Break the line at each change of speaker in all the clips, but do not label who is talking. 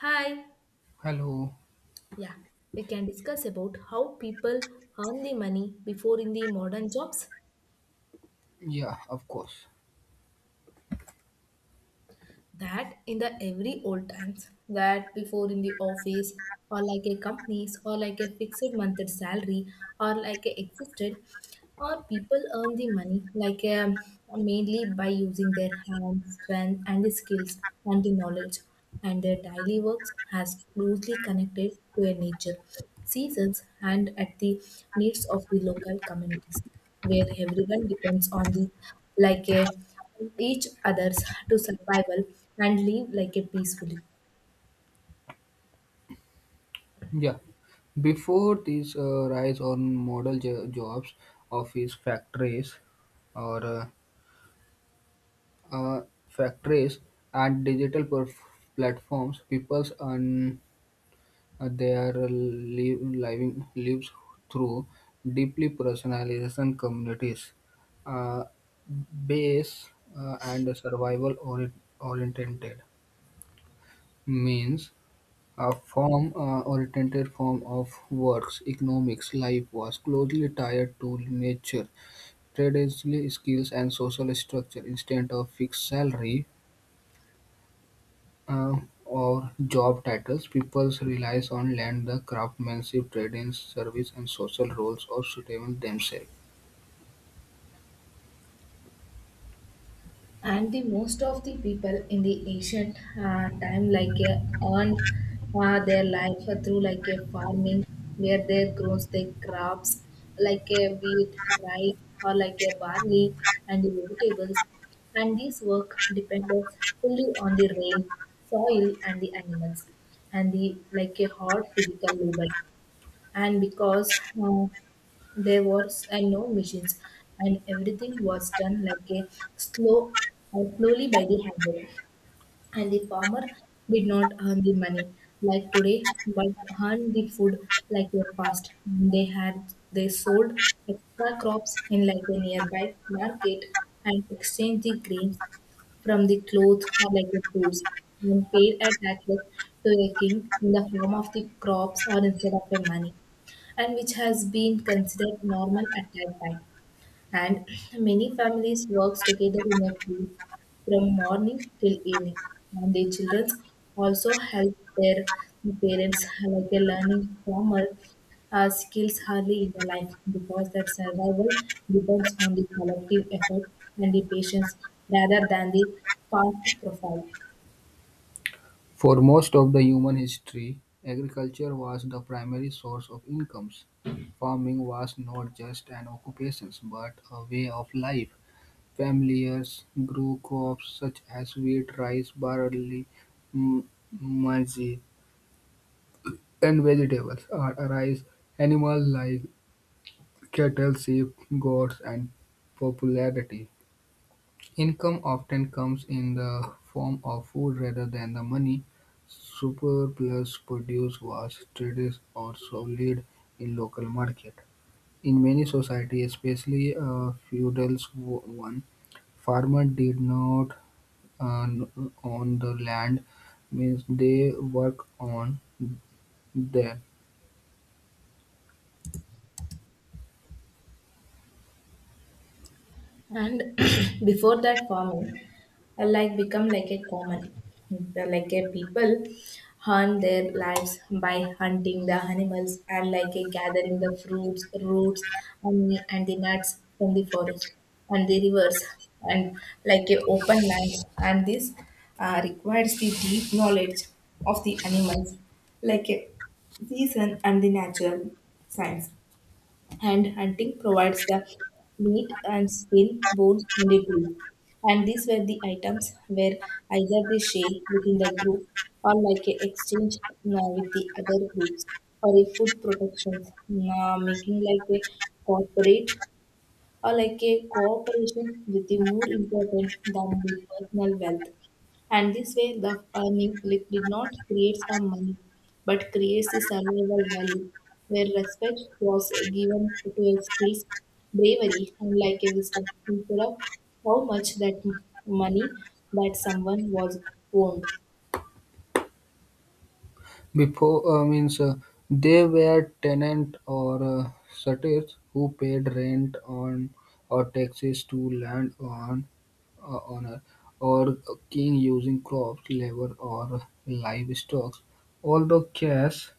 Hi.
Hello.
Yeah, we can discuss about how people earn the money before in the modern jobs,
Yeah, of course.
that in the every old times that before in the office or like a companies or like a fixed monthly salary or like a existed. Or people earn the money like mainly by using their hands, strength, and the skills and the knowledge, and their daily works has closely connected to a nature, seasons, and at the needs of the local communities, where everyone depends on the like a each others to survival and live like a peacefully.
Yeah. Before this rise on jobs, office factories, or uh, factories and digital platforms, people's and their living lives through deeply personalization communities, uh, base and survival oriented means. A form, or alternative form of works economics life was closely tied to nature, traditional skills and social structure. Instead of fixed salary uh, or job titles, people relies on land, the craftsmanship, trading, service, and social roles or sustain themselves.
And the most of the people in the ancient time like earned their life through like a farming where they grows their crops like a wheat, rice, or like a barley and the vegetables, and this work depended fully on the rain, soil and the animals and the like a hard physical labor. And because uh, there was no machines and everything was done like a slow slowly by the hand. And the farmer did not earn the money like today but earned the food like a fast, they had they sold extra crops in like a nearby market and exchanged the grains from the clothes or like the foods and paid a taxes to a king in the form of the crops or instead of a money, and which has been considered normal at that time. And many families works together in a team from morning till evening, and the children also help their parents like a learning farmer skills hardly in the life because that survival depends on the collective effort and the patience rather than the fast profile.
For most of the human history, agriculture was the primary source of incomes. Farming was not just an occupation but a way of life. Familiars grew crops such as wheat, rice, barley, m- maize, and vegetables. Artists animals like cattle, sheep, goats, and popularity. Income often comes in the form of food rather than the money. Surplus produce was traded or sold in local market. In many societies, especially feudal one, farmer did not and on the land, means they work on there
And before that farming like become like a common, like a people hunt their lives by hunting the animals and like a gathering the fruits, roots and the nuts from the forest and the rivers and like a open lands. And this requires the deep knowledge of the animals like a season and the natural science. And hunting provides the meat and skin, bones, and the glue. And these were the items where either they shared within the group or like a exchange with the other groups for a food protection, making like a corporate or like a cooperation with the more important than the personal wealth. And this way, the earning like, did not create a money, but creates a survival value, where respect was given to a skills, bravery, and like a wisdom, instead of how much that money that someone was owned.
before means they were tenant or sutties who paid rent on or taxes to land on owner or king using crops labor or livestock, although cash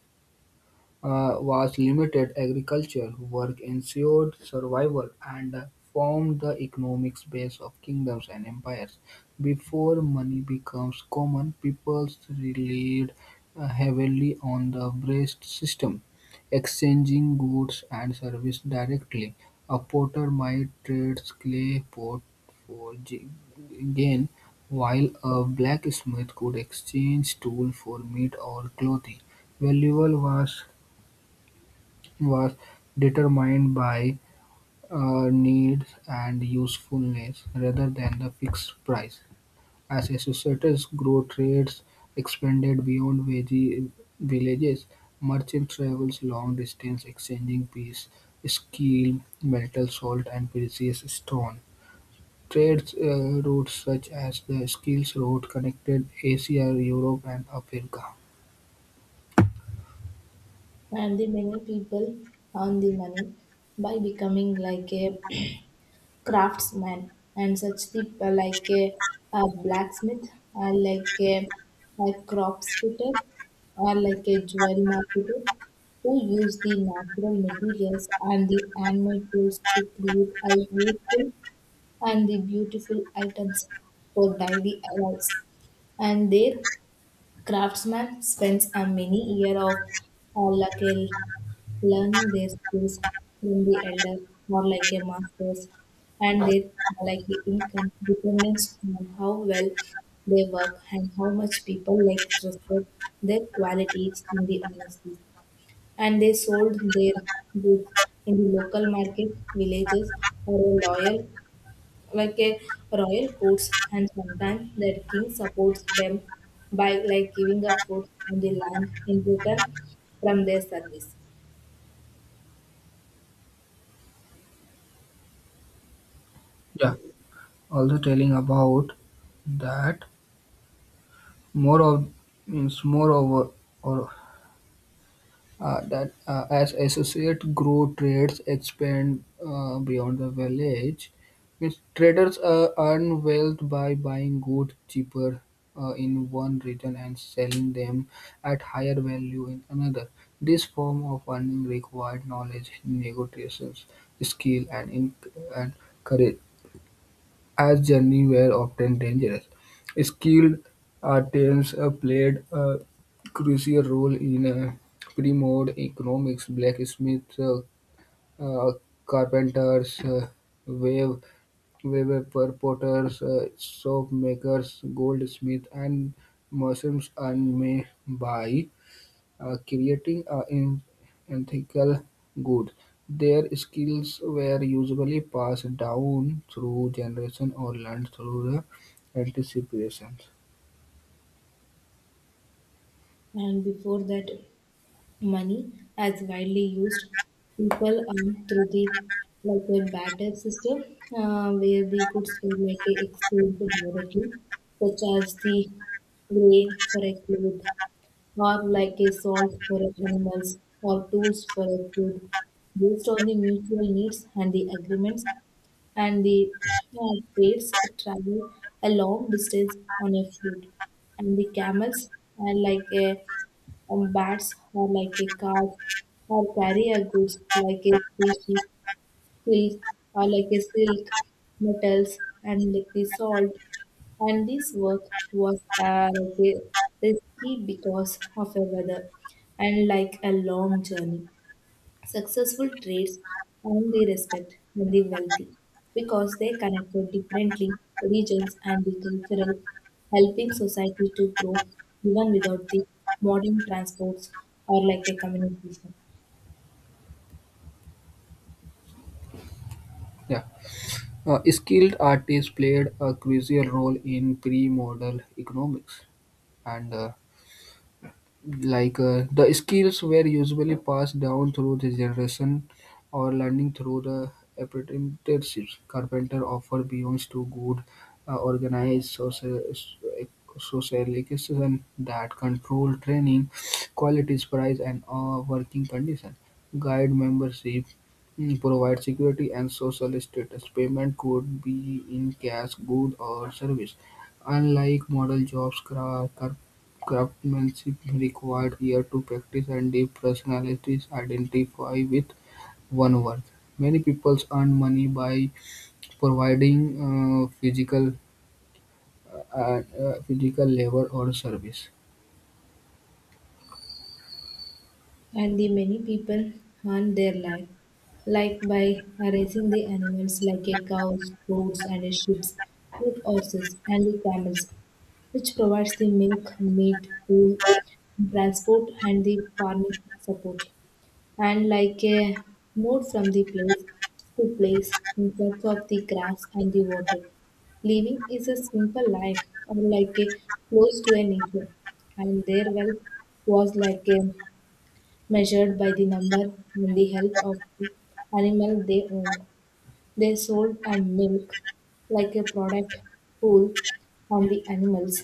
was limited. Agriculture work ensured survival and formed the economic base of kingdoms and empires. Before money becomes common, peoples relied heavily on the breast system, exchanging goods and service directly. A potter might trade clay pot for gain, while a blacksmith could exchange tool for meat or clothing. Valuable was determined by needs and usefulness, rather than the fixed price. As societies grew, trades expanded beyond villages. Merchants traveled long distance, exchanging peace, steel, metal, salt, and precious stone. Trade routes such as the Skills Road connected Asia, Europe, and Africa.
And the many people earn the money by becoming like a craftsman and such the like a, blacksmith or like a crops fitter or like a jewel marketer who use the natural materials and the animal tools to create a useful and the beautiful items for daily lives. And their Craftsmen spends a many year of or like a- learning their skills from the elder or like a masters, and they like a income depends on how well they work and how much people like respect their qualities in the honesty. And they sold their goods in the local market, villages or a loyal like a royal courts, and sometimes their king supports them by like giving a food on the land in return from their service.
Yeah, also telling about that. More of means Moreover, or that as associate grow, trades expanded beyond the village, means traders earn wealth by buying goods cheaper in one region and selling them at higher value in another. This form of earning required knowledge, negotiations, skill, and courage. As journeys were often dangerous, skilled artisans played a crucial role in pre-modern economies: blacksmiths, uh, carpenters, wave weavers, soap makers, goldsmiths, and merchants earned money by creating an ethical good. Their skills were usually passed down through generation or learned through the anticipations.
And before that Money, as widely used, people earn through the like a barter system, where the goods were like a exchange directly, such as the grain for a cloth, or like a salt for a animals, or tools for a food, based on the mutual needs and the agreements and the trades travel a long distance on a foot and the camels are like a bats are like a card, or carrier goods like a species, silk or like a silk, metals and like the salt. And this work was like a risky because of a weather and like a long journey. Successful trades earn the respect of the wealthy because they connected differently regions and the cultural, helping society to grow even without the modern transports or like a communication.
Yeah. Skilled artists played a crucial role in pre-modern economics, and the skills were usually passed down through the generation or learning through the apprenticeships. Carpenter offer belongs to good organized social socialization that control training, qualities, price, and working condition. Guide membership mm, provide security and social status. Payment could be in cash, good, or service. Unlike model jobs, car. Craftsmanship required years to practice, and deep personalities identify with one onework. Many people earn money by providing uh, physical physical labor or service.
And the many people earn their life like by raising the animals like a cows, goats, and a sheep, with horses, and the camels, which provides the milk, meat, wool, transport, and the farming support. And like a moved from the place to place in search of the grass and the water. Living is a simple life, or like a close to a nature, and their wealth was like a measured by the number and the health of the animal they owned. They sold a milk like a product pool on the animals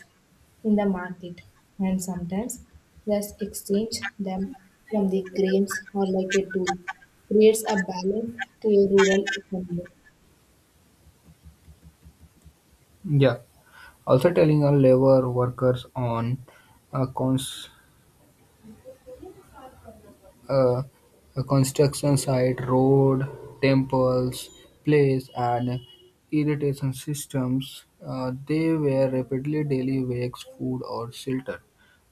in the market and sometimes just exchange them from the grains or like a tool creates a balance to a rural economy.
Yeah. Also telling our labor workers on a cons- uh, a construction site, road, temples, place, and irrigation systems, they were rapidly daily wakes, food, or shelter.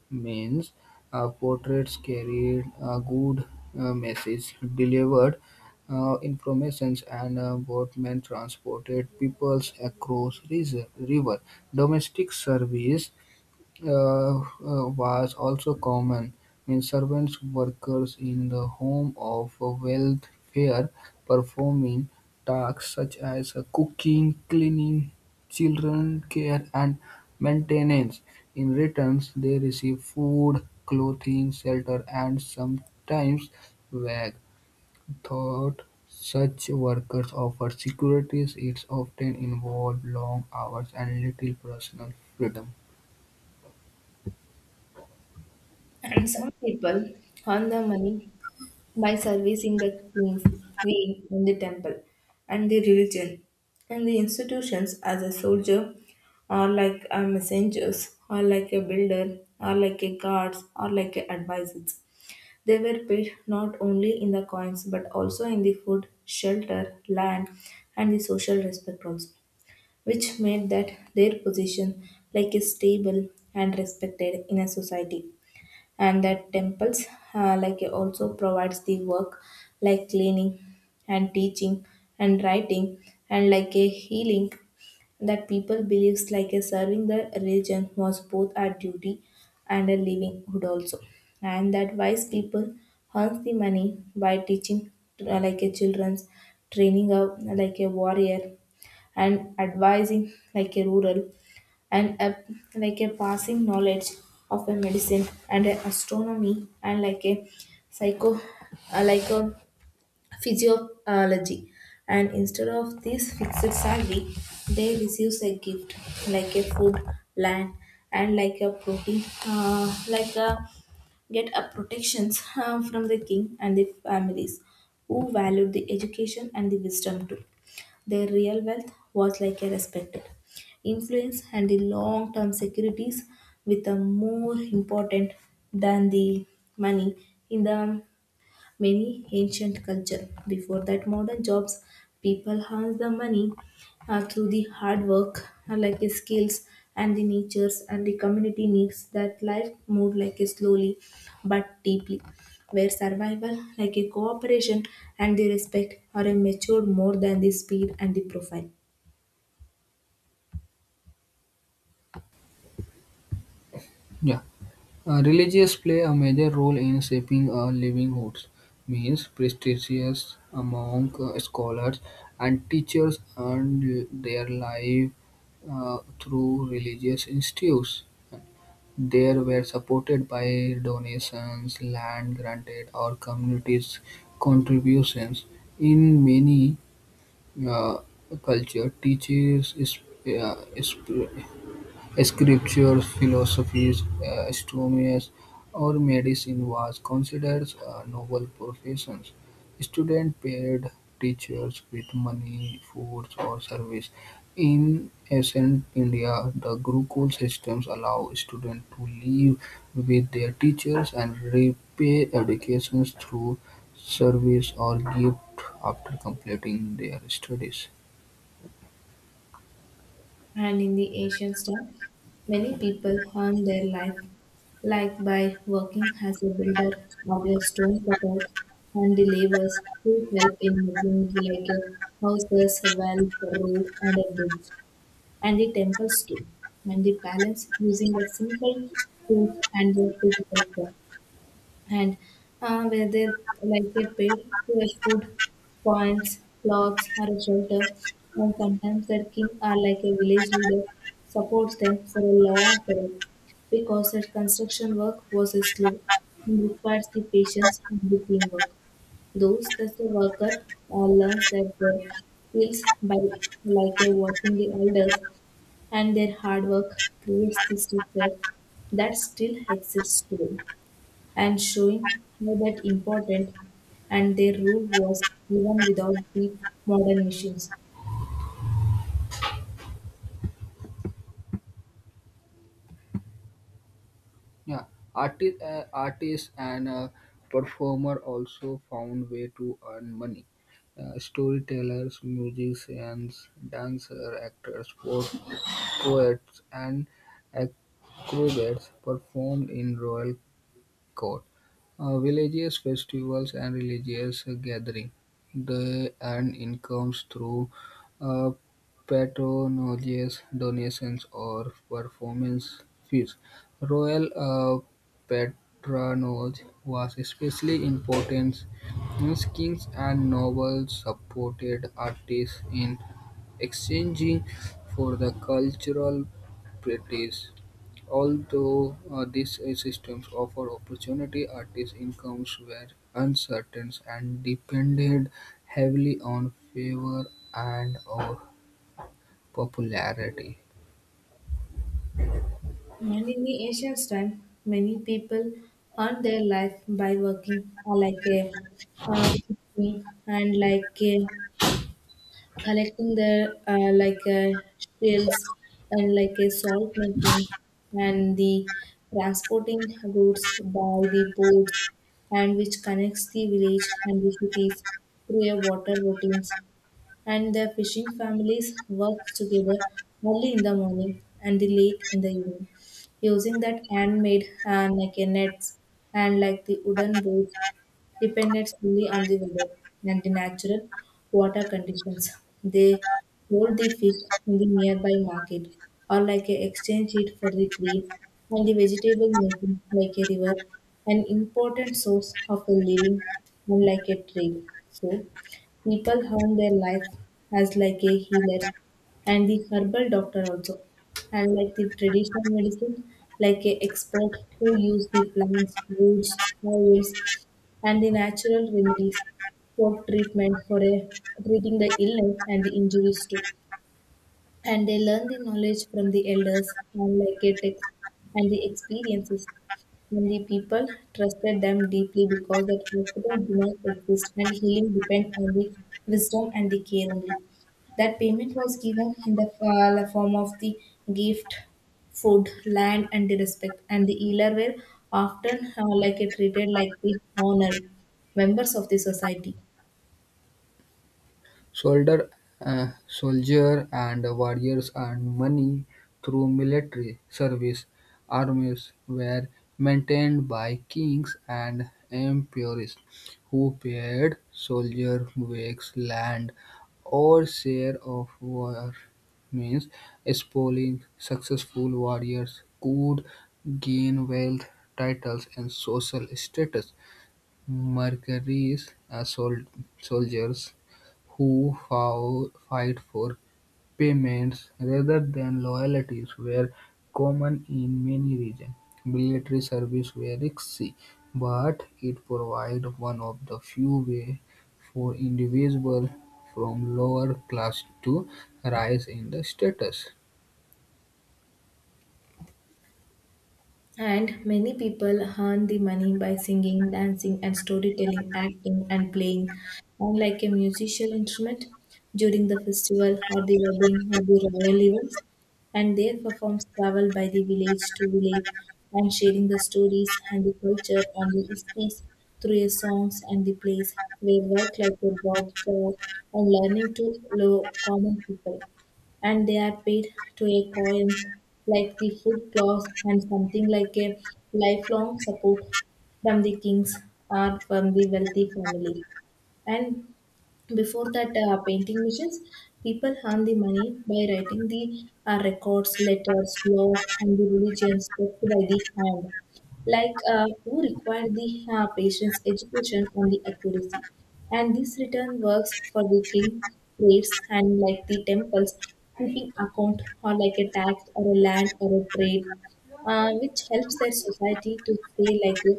Means portraits carried a good message, delivered informations, and boatmen transported peoples across river. Domestic service uh, was also common. Means servants, workers in the home of a welfare, performing tasks such as cooking, cleaning, children care, and maintenance. In returns, they receive food, clothing, shelter, and sometimes wage. Thought such workers offer securities. It often involves long hours and little personal freedom.
And some people earn the money by servicing the king, queen, in the temple, and the religion, and the institutions as a soldier, or like a messengers, or like a builder, or like a guards, or like a advisors. They were paid not only in the coins but also in the food, shelter, land, and the social respect also, which made that their position like a stable and respected in a society. And that temples like also provides the work like cleaning and teaching and writing and like a healing, that people believes like a serving the religion was both a duty and a livelihood also. And that wise people earns the money by teaching like a children's, training a like a warrior and advising like a rural and a, like a passing knowledge of a medicine and a astronomy and like a psycho like a physiology. And instead of this fixed salary they receive a gift like a food, land, and like a protein like a get a protections from the king and the families who valued the education and the wisdom too. Their real wealth was like a respected influence and the long term securities with a more important than the money in the many ancient culture. Before that, modern jobs, people earn the money through the hard work, like the skills and the natures and the community needs, that life moved like a slowly but deeply, where survival, like a cooperation and the respect, are a matured more than the speed and the profile.
Yeah. Religious play a major role in shaping a livelihoods, means prestigious among scholars and teachers earned their life through religious institutes. They were supported by donations, land granted, or communities' contributions. In many uh, cultures, uh, is- scriptures, philosophies, astronomies, or medicine was considered a noble professions. Students paid teachers with money, food, or service. In ancient India, the Gurukul systems allow students to live with their teachers and repay educations through service or gift after completing their studies.
And in the ancient time, many people earned their life, like by working as a builder or a stone cutter and the laborers who help in making like houses, wells, road, and a bridge, and the temples too, and the palace using a simple tools and the physical stuff, and where they like get paid to export coins, clothes, or a shelter. And sometimes their king or like a village leader supports them for a long period because that construction work was slow and requires the patience and the teamwork. Those that the worker learns that their skills by like a watching the elders, and their hard work creates the structure that still exists today, and showing how that important and their rule was even without the modern machines.
Yeah, artists and performer also found way to earn money. Storytellers, musicians, dancer, actors, poets, and acrobats performed in royal court, villages, festivals, and religious gatherings. They earn incomes through uh, patronages, donations, or performance fees. Royal patronage was especially important, since kings and nobles supported artists in exchanging for the cultural practice. Although these systems offered opportunity, artists' incomes were uncertain and depended heavily on favor and or popularity.
And in the ancient time, many people earned their life by working like a fishing and like a, collecting their like a shells and like a salt making and the transporting goods by the boats and which connects the village and the cities through a water routines. And their fishing families worked together early in the morning and the late in the evening, using that handmade like a nets and like the wooden boats depended solely on the weather and the natural water conditions. They sold the fish in the nearby market or like a exchange it for the green and the vegetable, making like a river an important source of a living and like a trade. So people earn their life as like a healer and the herbal doctor also and like the traditional medicine like a expert who use the plants, roots, oils and the natural remedies for treatment for a, treating the illness and the injuries too. And they learn the knowledge from the elders and and the experiences. And the people trusted them deeply because that hospital do not exist and healing depend on the wisdom and the care only. That payment was given in the form of the gift, food, land, and the respect, and the healer were often like it treated like the honor members of the society.
Soldier soldier and warriors earned money through military service. Armies were maintained by kings and emperors who paid soldier wages, land, or share of war. Means spoiling successful warriors could gain wealth, titles, and social status. Mercenaries are soldiers who fight for payments rather than loyalties were common in many regions. Military service were risky, but it provided one of the few ways for individuals from lower classes to rise in the status.
And many people earn the money by singing, dancing, and storytelling, acting, and playing, and like a musical instrument during the festival or the wedding or the royal events. And their performs travel by the village to village and sharing the stories and the culture and the histories through their songs and the plays. They work like a broad job and learning to common people, and they are paid to a coin like the food clause and something like a lifelong support from the kings or from the wealthy family. And before that painting missions, people earn the money by writing the records, letters, laws, and the religions kept by the hand like who require the patient's education only accuracy, and this return works for the king plates and like the temples, keeping account or like a tax or a land or a trade, which helps their society to stay like a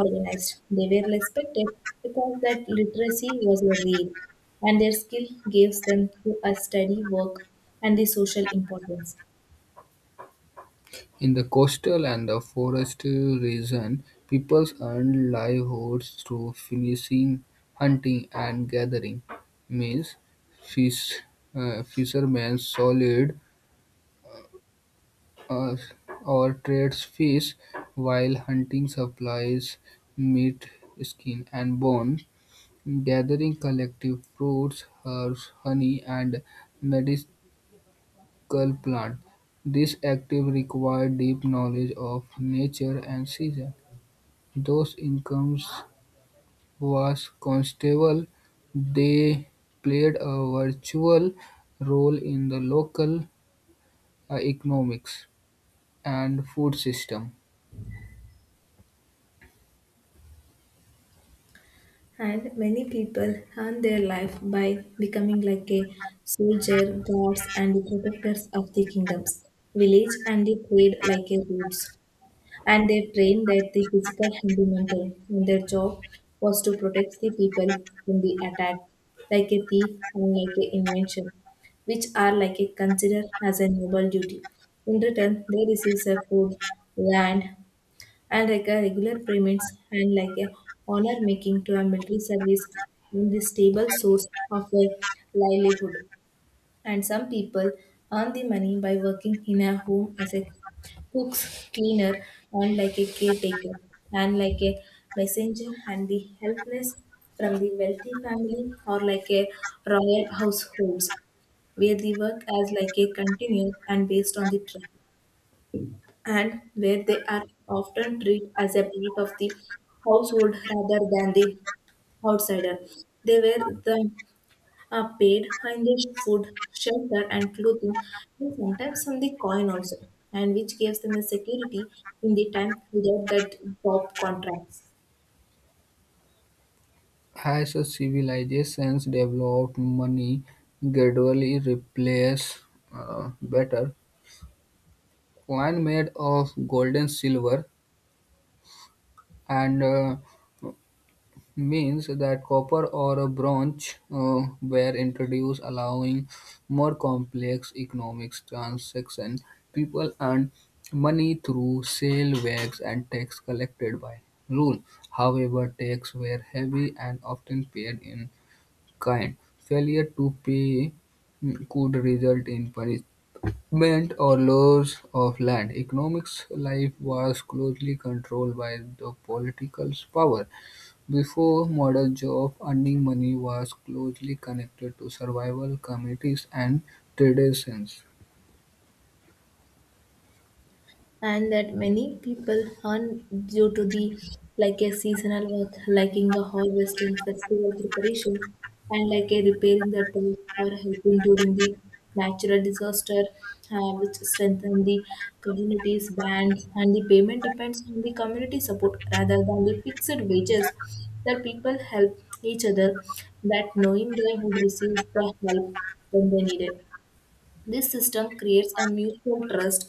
organized. They were respected because that literacy was a real, and their skill gives them to a steady work and the social importance.
In the coastal and the forestal region, people earn livelihoods through fishing, hunting and gathering; meals, fish, fishermen sold uh, or trades fish, while hunting supplies meat, skin and bone; gathering collective fruits, herbs, honey and medicinal plants. This activity required deep knowledge of nature and season. Those incomes was constable. They played a virtual role in the local economics and food system.
And many people earn their life by becoming like a soldier, guards, and the protectors of the kingdoms, village, and the trade like a roots. And they trained that the physical and the mental, and their job was to protect the people from the attack, like a thief and like a invention, which are like a considered as a noble duty. In return, they receive their food, land, and like a regular payments and like a honor making to a military service in the stable source of a livelihood. And some people earn the money by working in a home as a cooks, cleaner, and like a caretaker, and like a messenger, and the helpless from the wealthy family or like a royal households, where the work as like a continuous and based on the trust, and where they are often treated as a part of the household rather than the outsider. They were the paid in the food, shelter, and clothing, and sometimes on the coin also, and which gives them a security in the time without that job contracts.
As a civilizations developed, money gradually replaced better coin made of gold, and silver, and means that copper or a bronze were introduced, allowing more complex economic transactions. People earned money through sale, wax, and tax collected by rule. However, taxes were heavy and often paid in kind. Failure to pay mm, could result in punishment or loss of land. Economics life was closely controlled by the political power before model job. Earning money was closely connected to survival communities and traditions.
And that many people earn due to the like a seasonal work, like in the harvesting festival preparation and like a repairing the tool or helping during the natural disaster, which strengthen the communities' bands, and the payment depends on the community support rather than the fixed wages. The people help each other, that knowing they would receive the help when they need it. This system creates a mutual trust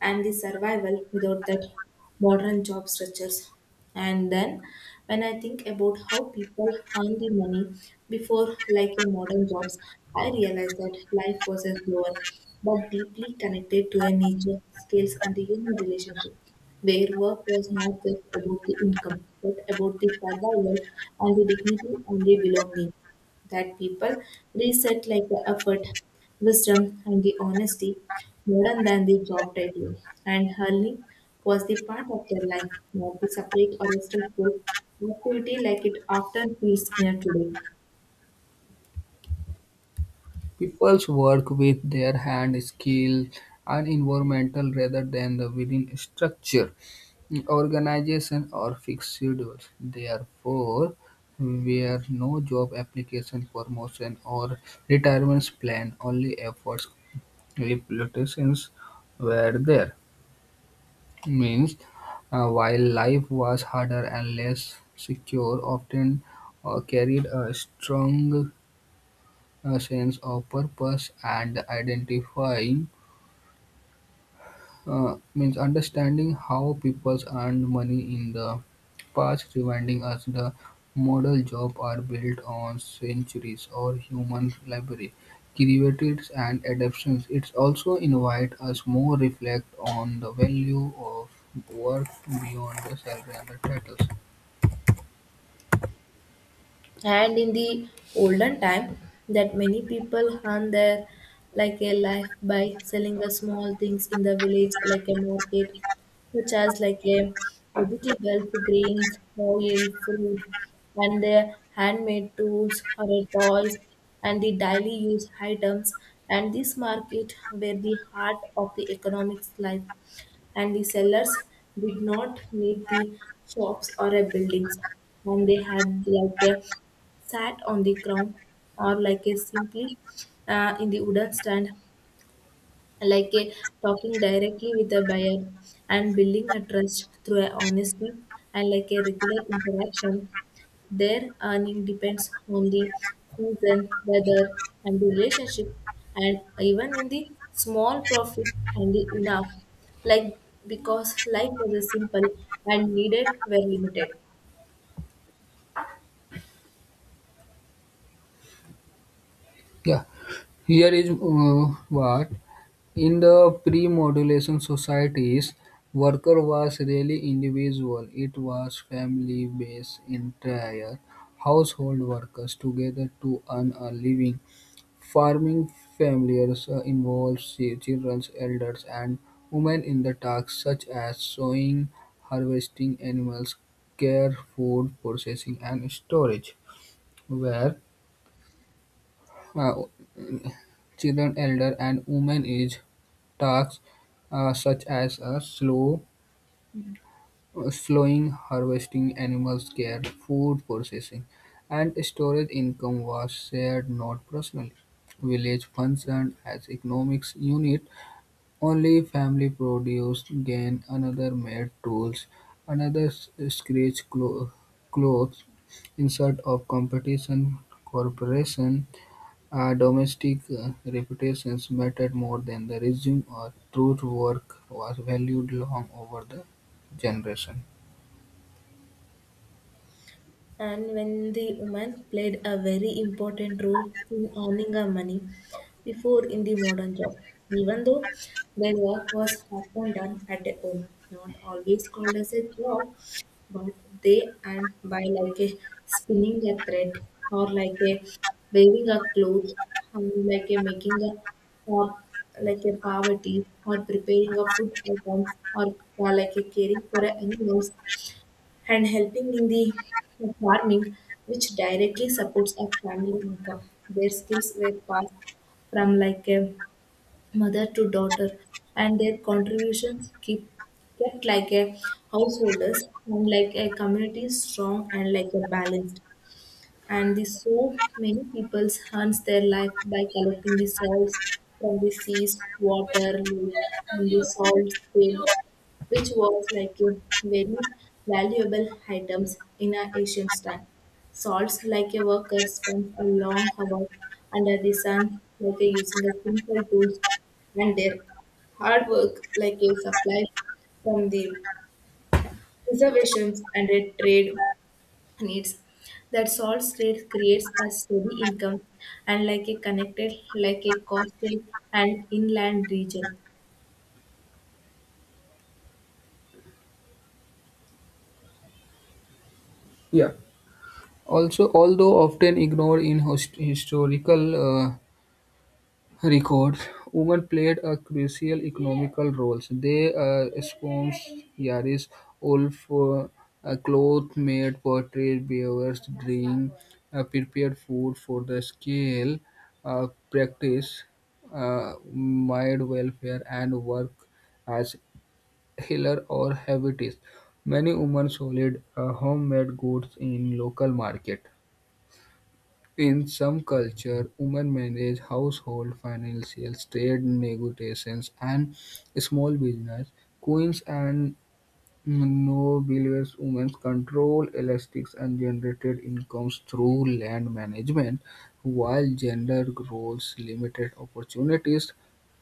and the survival without that modern job structures. And then when I think about how people earn the money before, like in modern jobs, I realized that life was a slower but deeply connected to a nature, skills and the human relationship, where work was not just about the income but about the survival and the dignity and the belonging, that people reset like the effort, wisdom, and the honesty more than the job title. And hurling was the part of their life, not the separate or a stressful activity like it often feels in a today.
People's work with their hand skill, and environmental rather than the within structure, organization, or fixed schedules. Therefore, were no job application, promotion, or retirement plan, only efforts reputations were there. Means, while life was harder and less secure, often carried a strong sense of purpose and identifying, means understanding how people earned money in the past, reminding us the model job are built on centuries or human library, created and adaptations. It also invite us more reflect on the value of work beyond the salary and the titles.
And in the olden time, that many people earn their like a life by selling the small things in the village like a market, such as like a vegetables, grains, oil, fruit, and their handmade tools or a toys and the daily use items. And this market were the heart of the economics life, and the sellers did not need the shops or a buildings, and they had like a sat on the ground or like a simply in the wooden stand, like a, talking directly with the buyer and building a trust through a honesty and like a regular interaction. Their earning depends on the season, weather, and the relationship, and even in the small profit and the enough, like because life was a simple and needed were limited.
Yeah, here is what. In the pre-modulation societies, worker was really individual; it was family-based, entire household workers together to earn a living. Farming families involved children, elders, and women in the tasks such as sowing, harvesting, animals, care, food processing, and storage. Where uh, children, elder, and women is tasks such as slowing, harvesting, animals care, food processing, and storage income was shared not personally. Village functioned as economics unit. Only family produced gain, another made tools, another scratch clothes. Insert of competition, corporation. Domestic reputations mattered more than the resume, or truth work was valued long over the generation.
And when the woman played a very important role in earning her money before in the modern job, even though their work was often done at a home, not always called as a job, but they and by like a spinning a thread or like a weaving a cloth, like a making a, or like a poverty or preparing a food items or like a caring for animals and helping in the farming, which directly supports a family income. Their skills were passed from like a mother to daughter, and their contributions keep kept like a householders and like a community strong and like a balanced. And the so many people hunts their life by collecting the salts from the seas, water, lake, and the salt spring, which was like a very valuable items in our ancient time. Salts like a worker spends a long hour under the sun, like a using a simple tools, and their hard work like a supply from the reservations and a trade needs, that solves trade creates a steady income and like a connected like a coastal and inland region.
Yeah. Also, although often ignored in historical uh, records, women played a crucial economical role. They sponsored yards, wolf, cloth made pottery, beavers, drink, prepared food for the scale, practice, mind welfare, and work as healer or habitist. Many women sold homemade goods in local market. In some cultures, women manage household finances, trade negotiations, and small business. Queens and noblewomen control elastics and generated incomes through land management, while gender roles limited opportunities.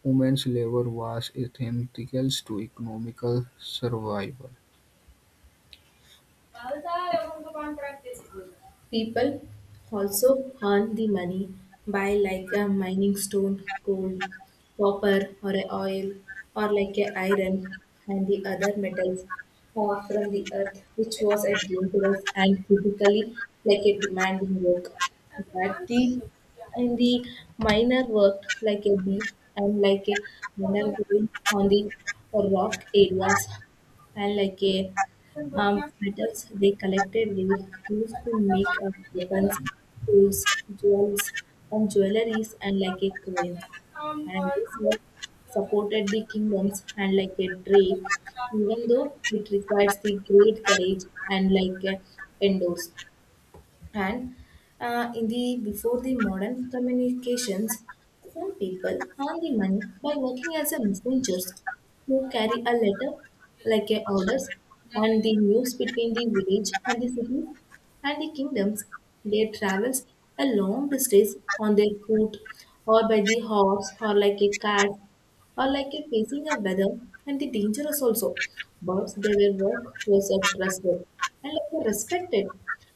Women's labor was essential to economical survival.
People also earn the money by like a mining stone, gold, copper or a oil or like a iron and the other metals or from the earth, which was a dangerous and typically like a demanding work. But the in the miner worked like a bee, and like a miner going on the rock areas, and like a metals they collected collectively used to make up weapons, tools, jewels, and jewelries, and like a coins. And this work supported the kingdoms and like a trade, even though it requires the great courage and like a endorse. And in the before the modern communications, some people earn the money by working as a messengers who carry a letter like a orders and the news between the village and the cities and the kingdoms. They travels a long distance on their coat or by the horse or like a cart or like a facing a weather and the dangerous also. But their work was trusted and like were respected,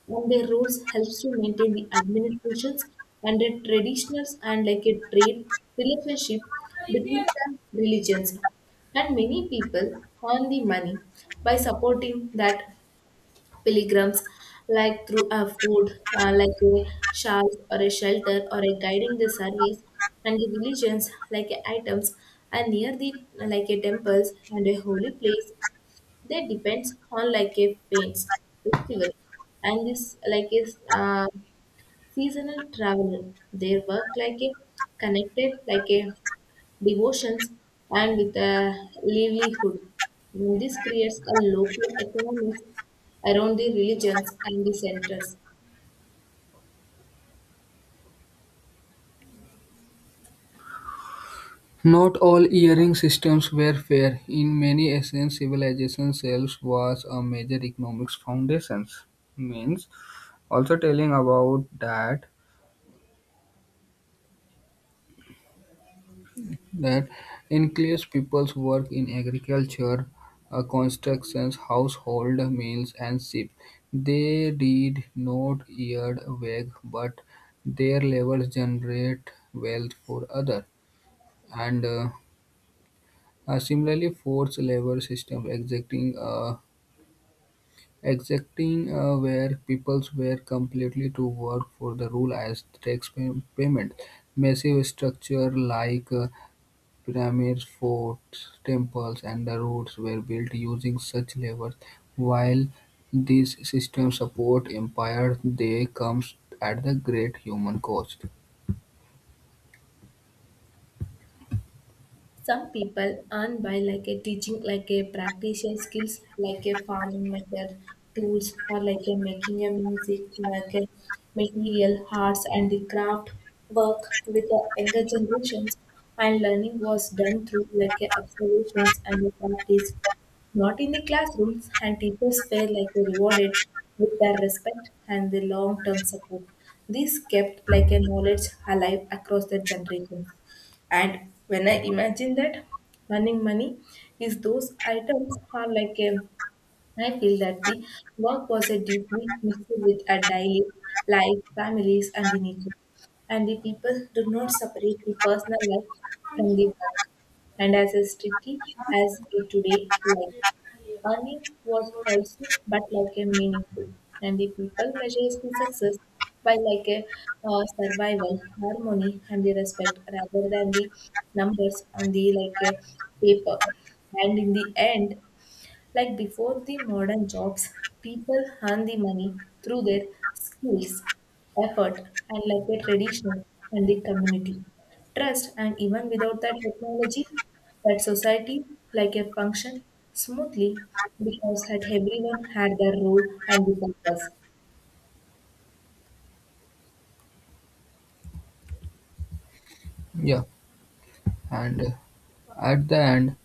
and their rules helps to maintain the administrations and the traditionals and like a trade relationship between the religions. And many people earn the money by supporting that pilgrims, like through a food, like a shawl or a shelter or a guiding the service, and the religions, like a items, and near the like a temples and a holy place. They depends on like a paints festival, and this like is. Seasonal traveler, their work like a connected, like a devotions, and with a livelihood. This creates a local economies around the religions and the centers.
Not all earring systems were fair; in many ancient civilizations, sales was a major economic foundation, means also telling about that that includes people's work in agriculture, constructions, household meals, and ship. They did not yield wage, but their labors generate wealth for other. And similarly, forced labor system exacting where people were completely to work for the rule as tax payment. Massive structure like pyramids, forts, temples, and the roads were built using such labor. While these systems support empire, they comes at the great human cost.
Some people earn by like a teaching, like a practitioner skills, like a farming method, tools, or like a making a music, like a material, arts, and the craft work with the younger generations. And learning was done through like a observations and a practice, not in the classrooms. And teachers were like rewarded with their respect and the long-term support. This kept like a knowledge alive across the generations. And when I imagine that running money is those items are like a, I feel that the work was a deeply mixed with a daily life, families and the nature. And the people do not separate the personal life from the work. And as strictly as a today life. Earning was also but like a meaningful, and the people measures the success by like a survival, harmony, and the respect rather than the numbers on the like a paper. And in the end, like before the modern jobs, people earn the money through their skills, effort, and like their tradition and the community. Trust, and even without that technology, that society like a function smoothly because had everyone had their role and the purpose.
Yeah, and at the end,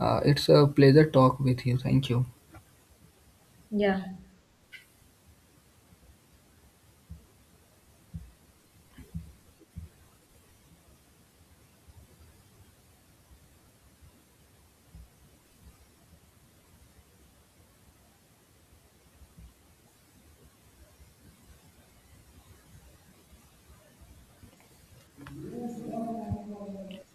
it's a pleasure talk with you. Thank you.
Yeah.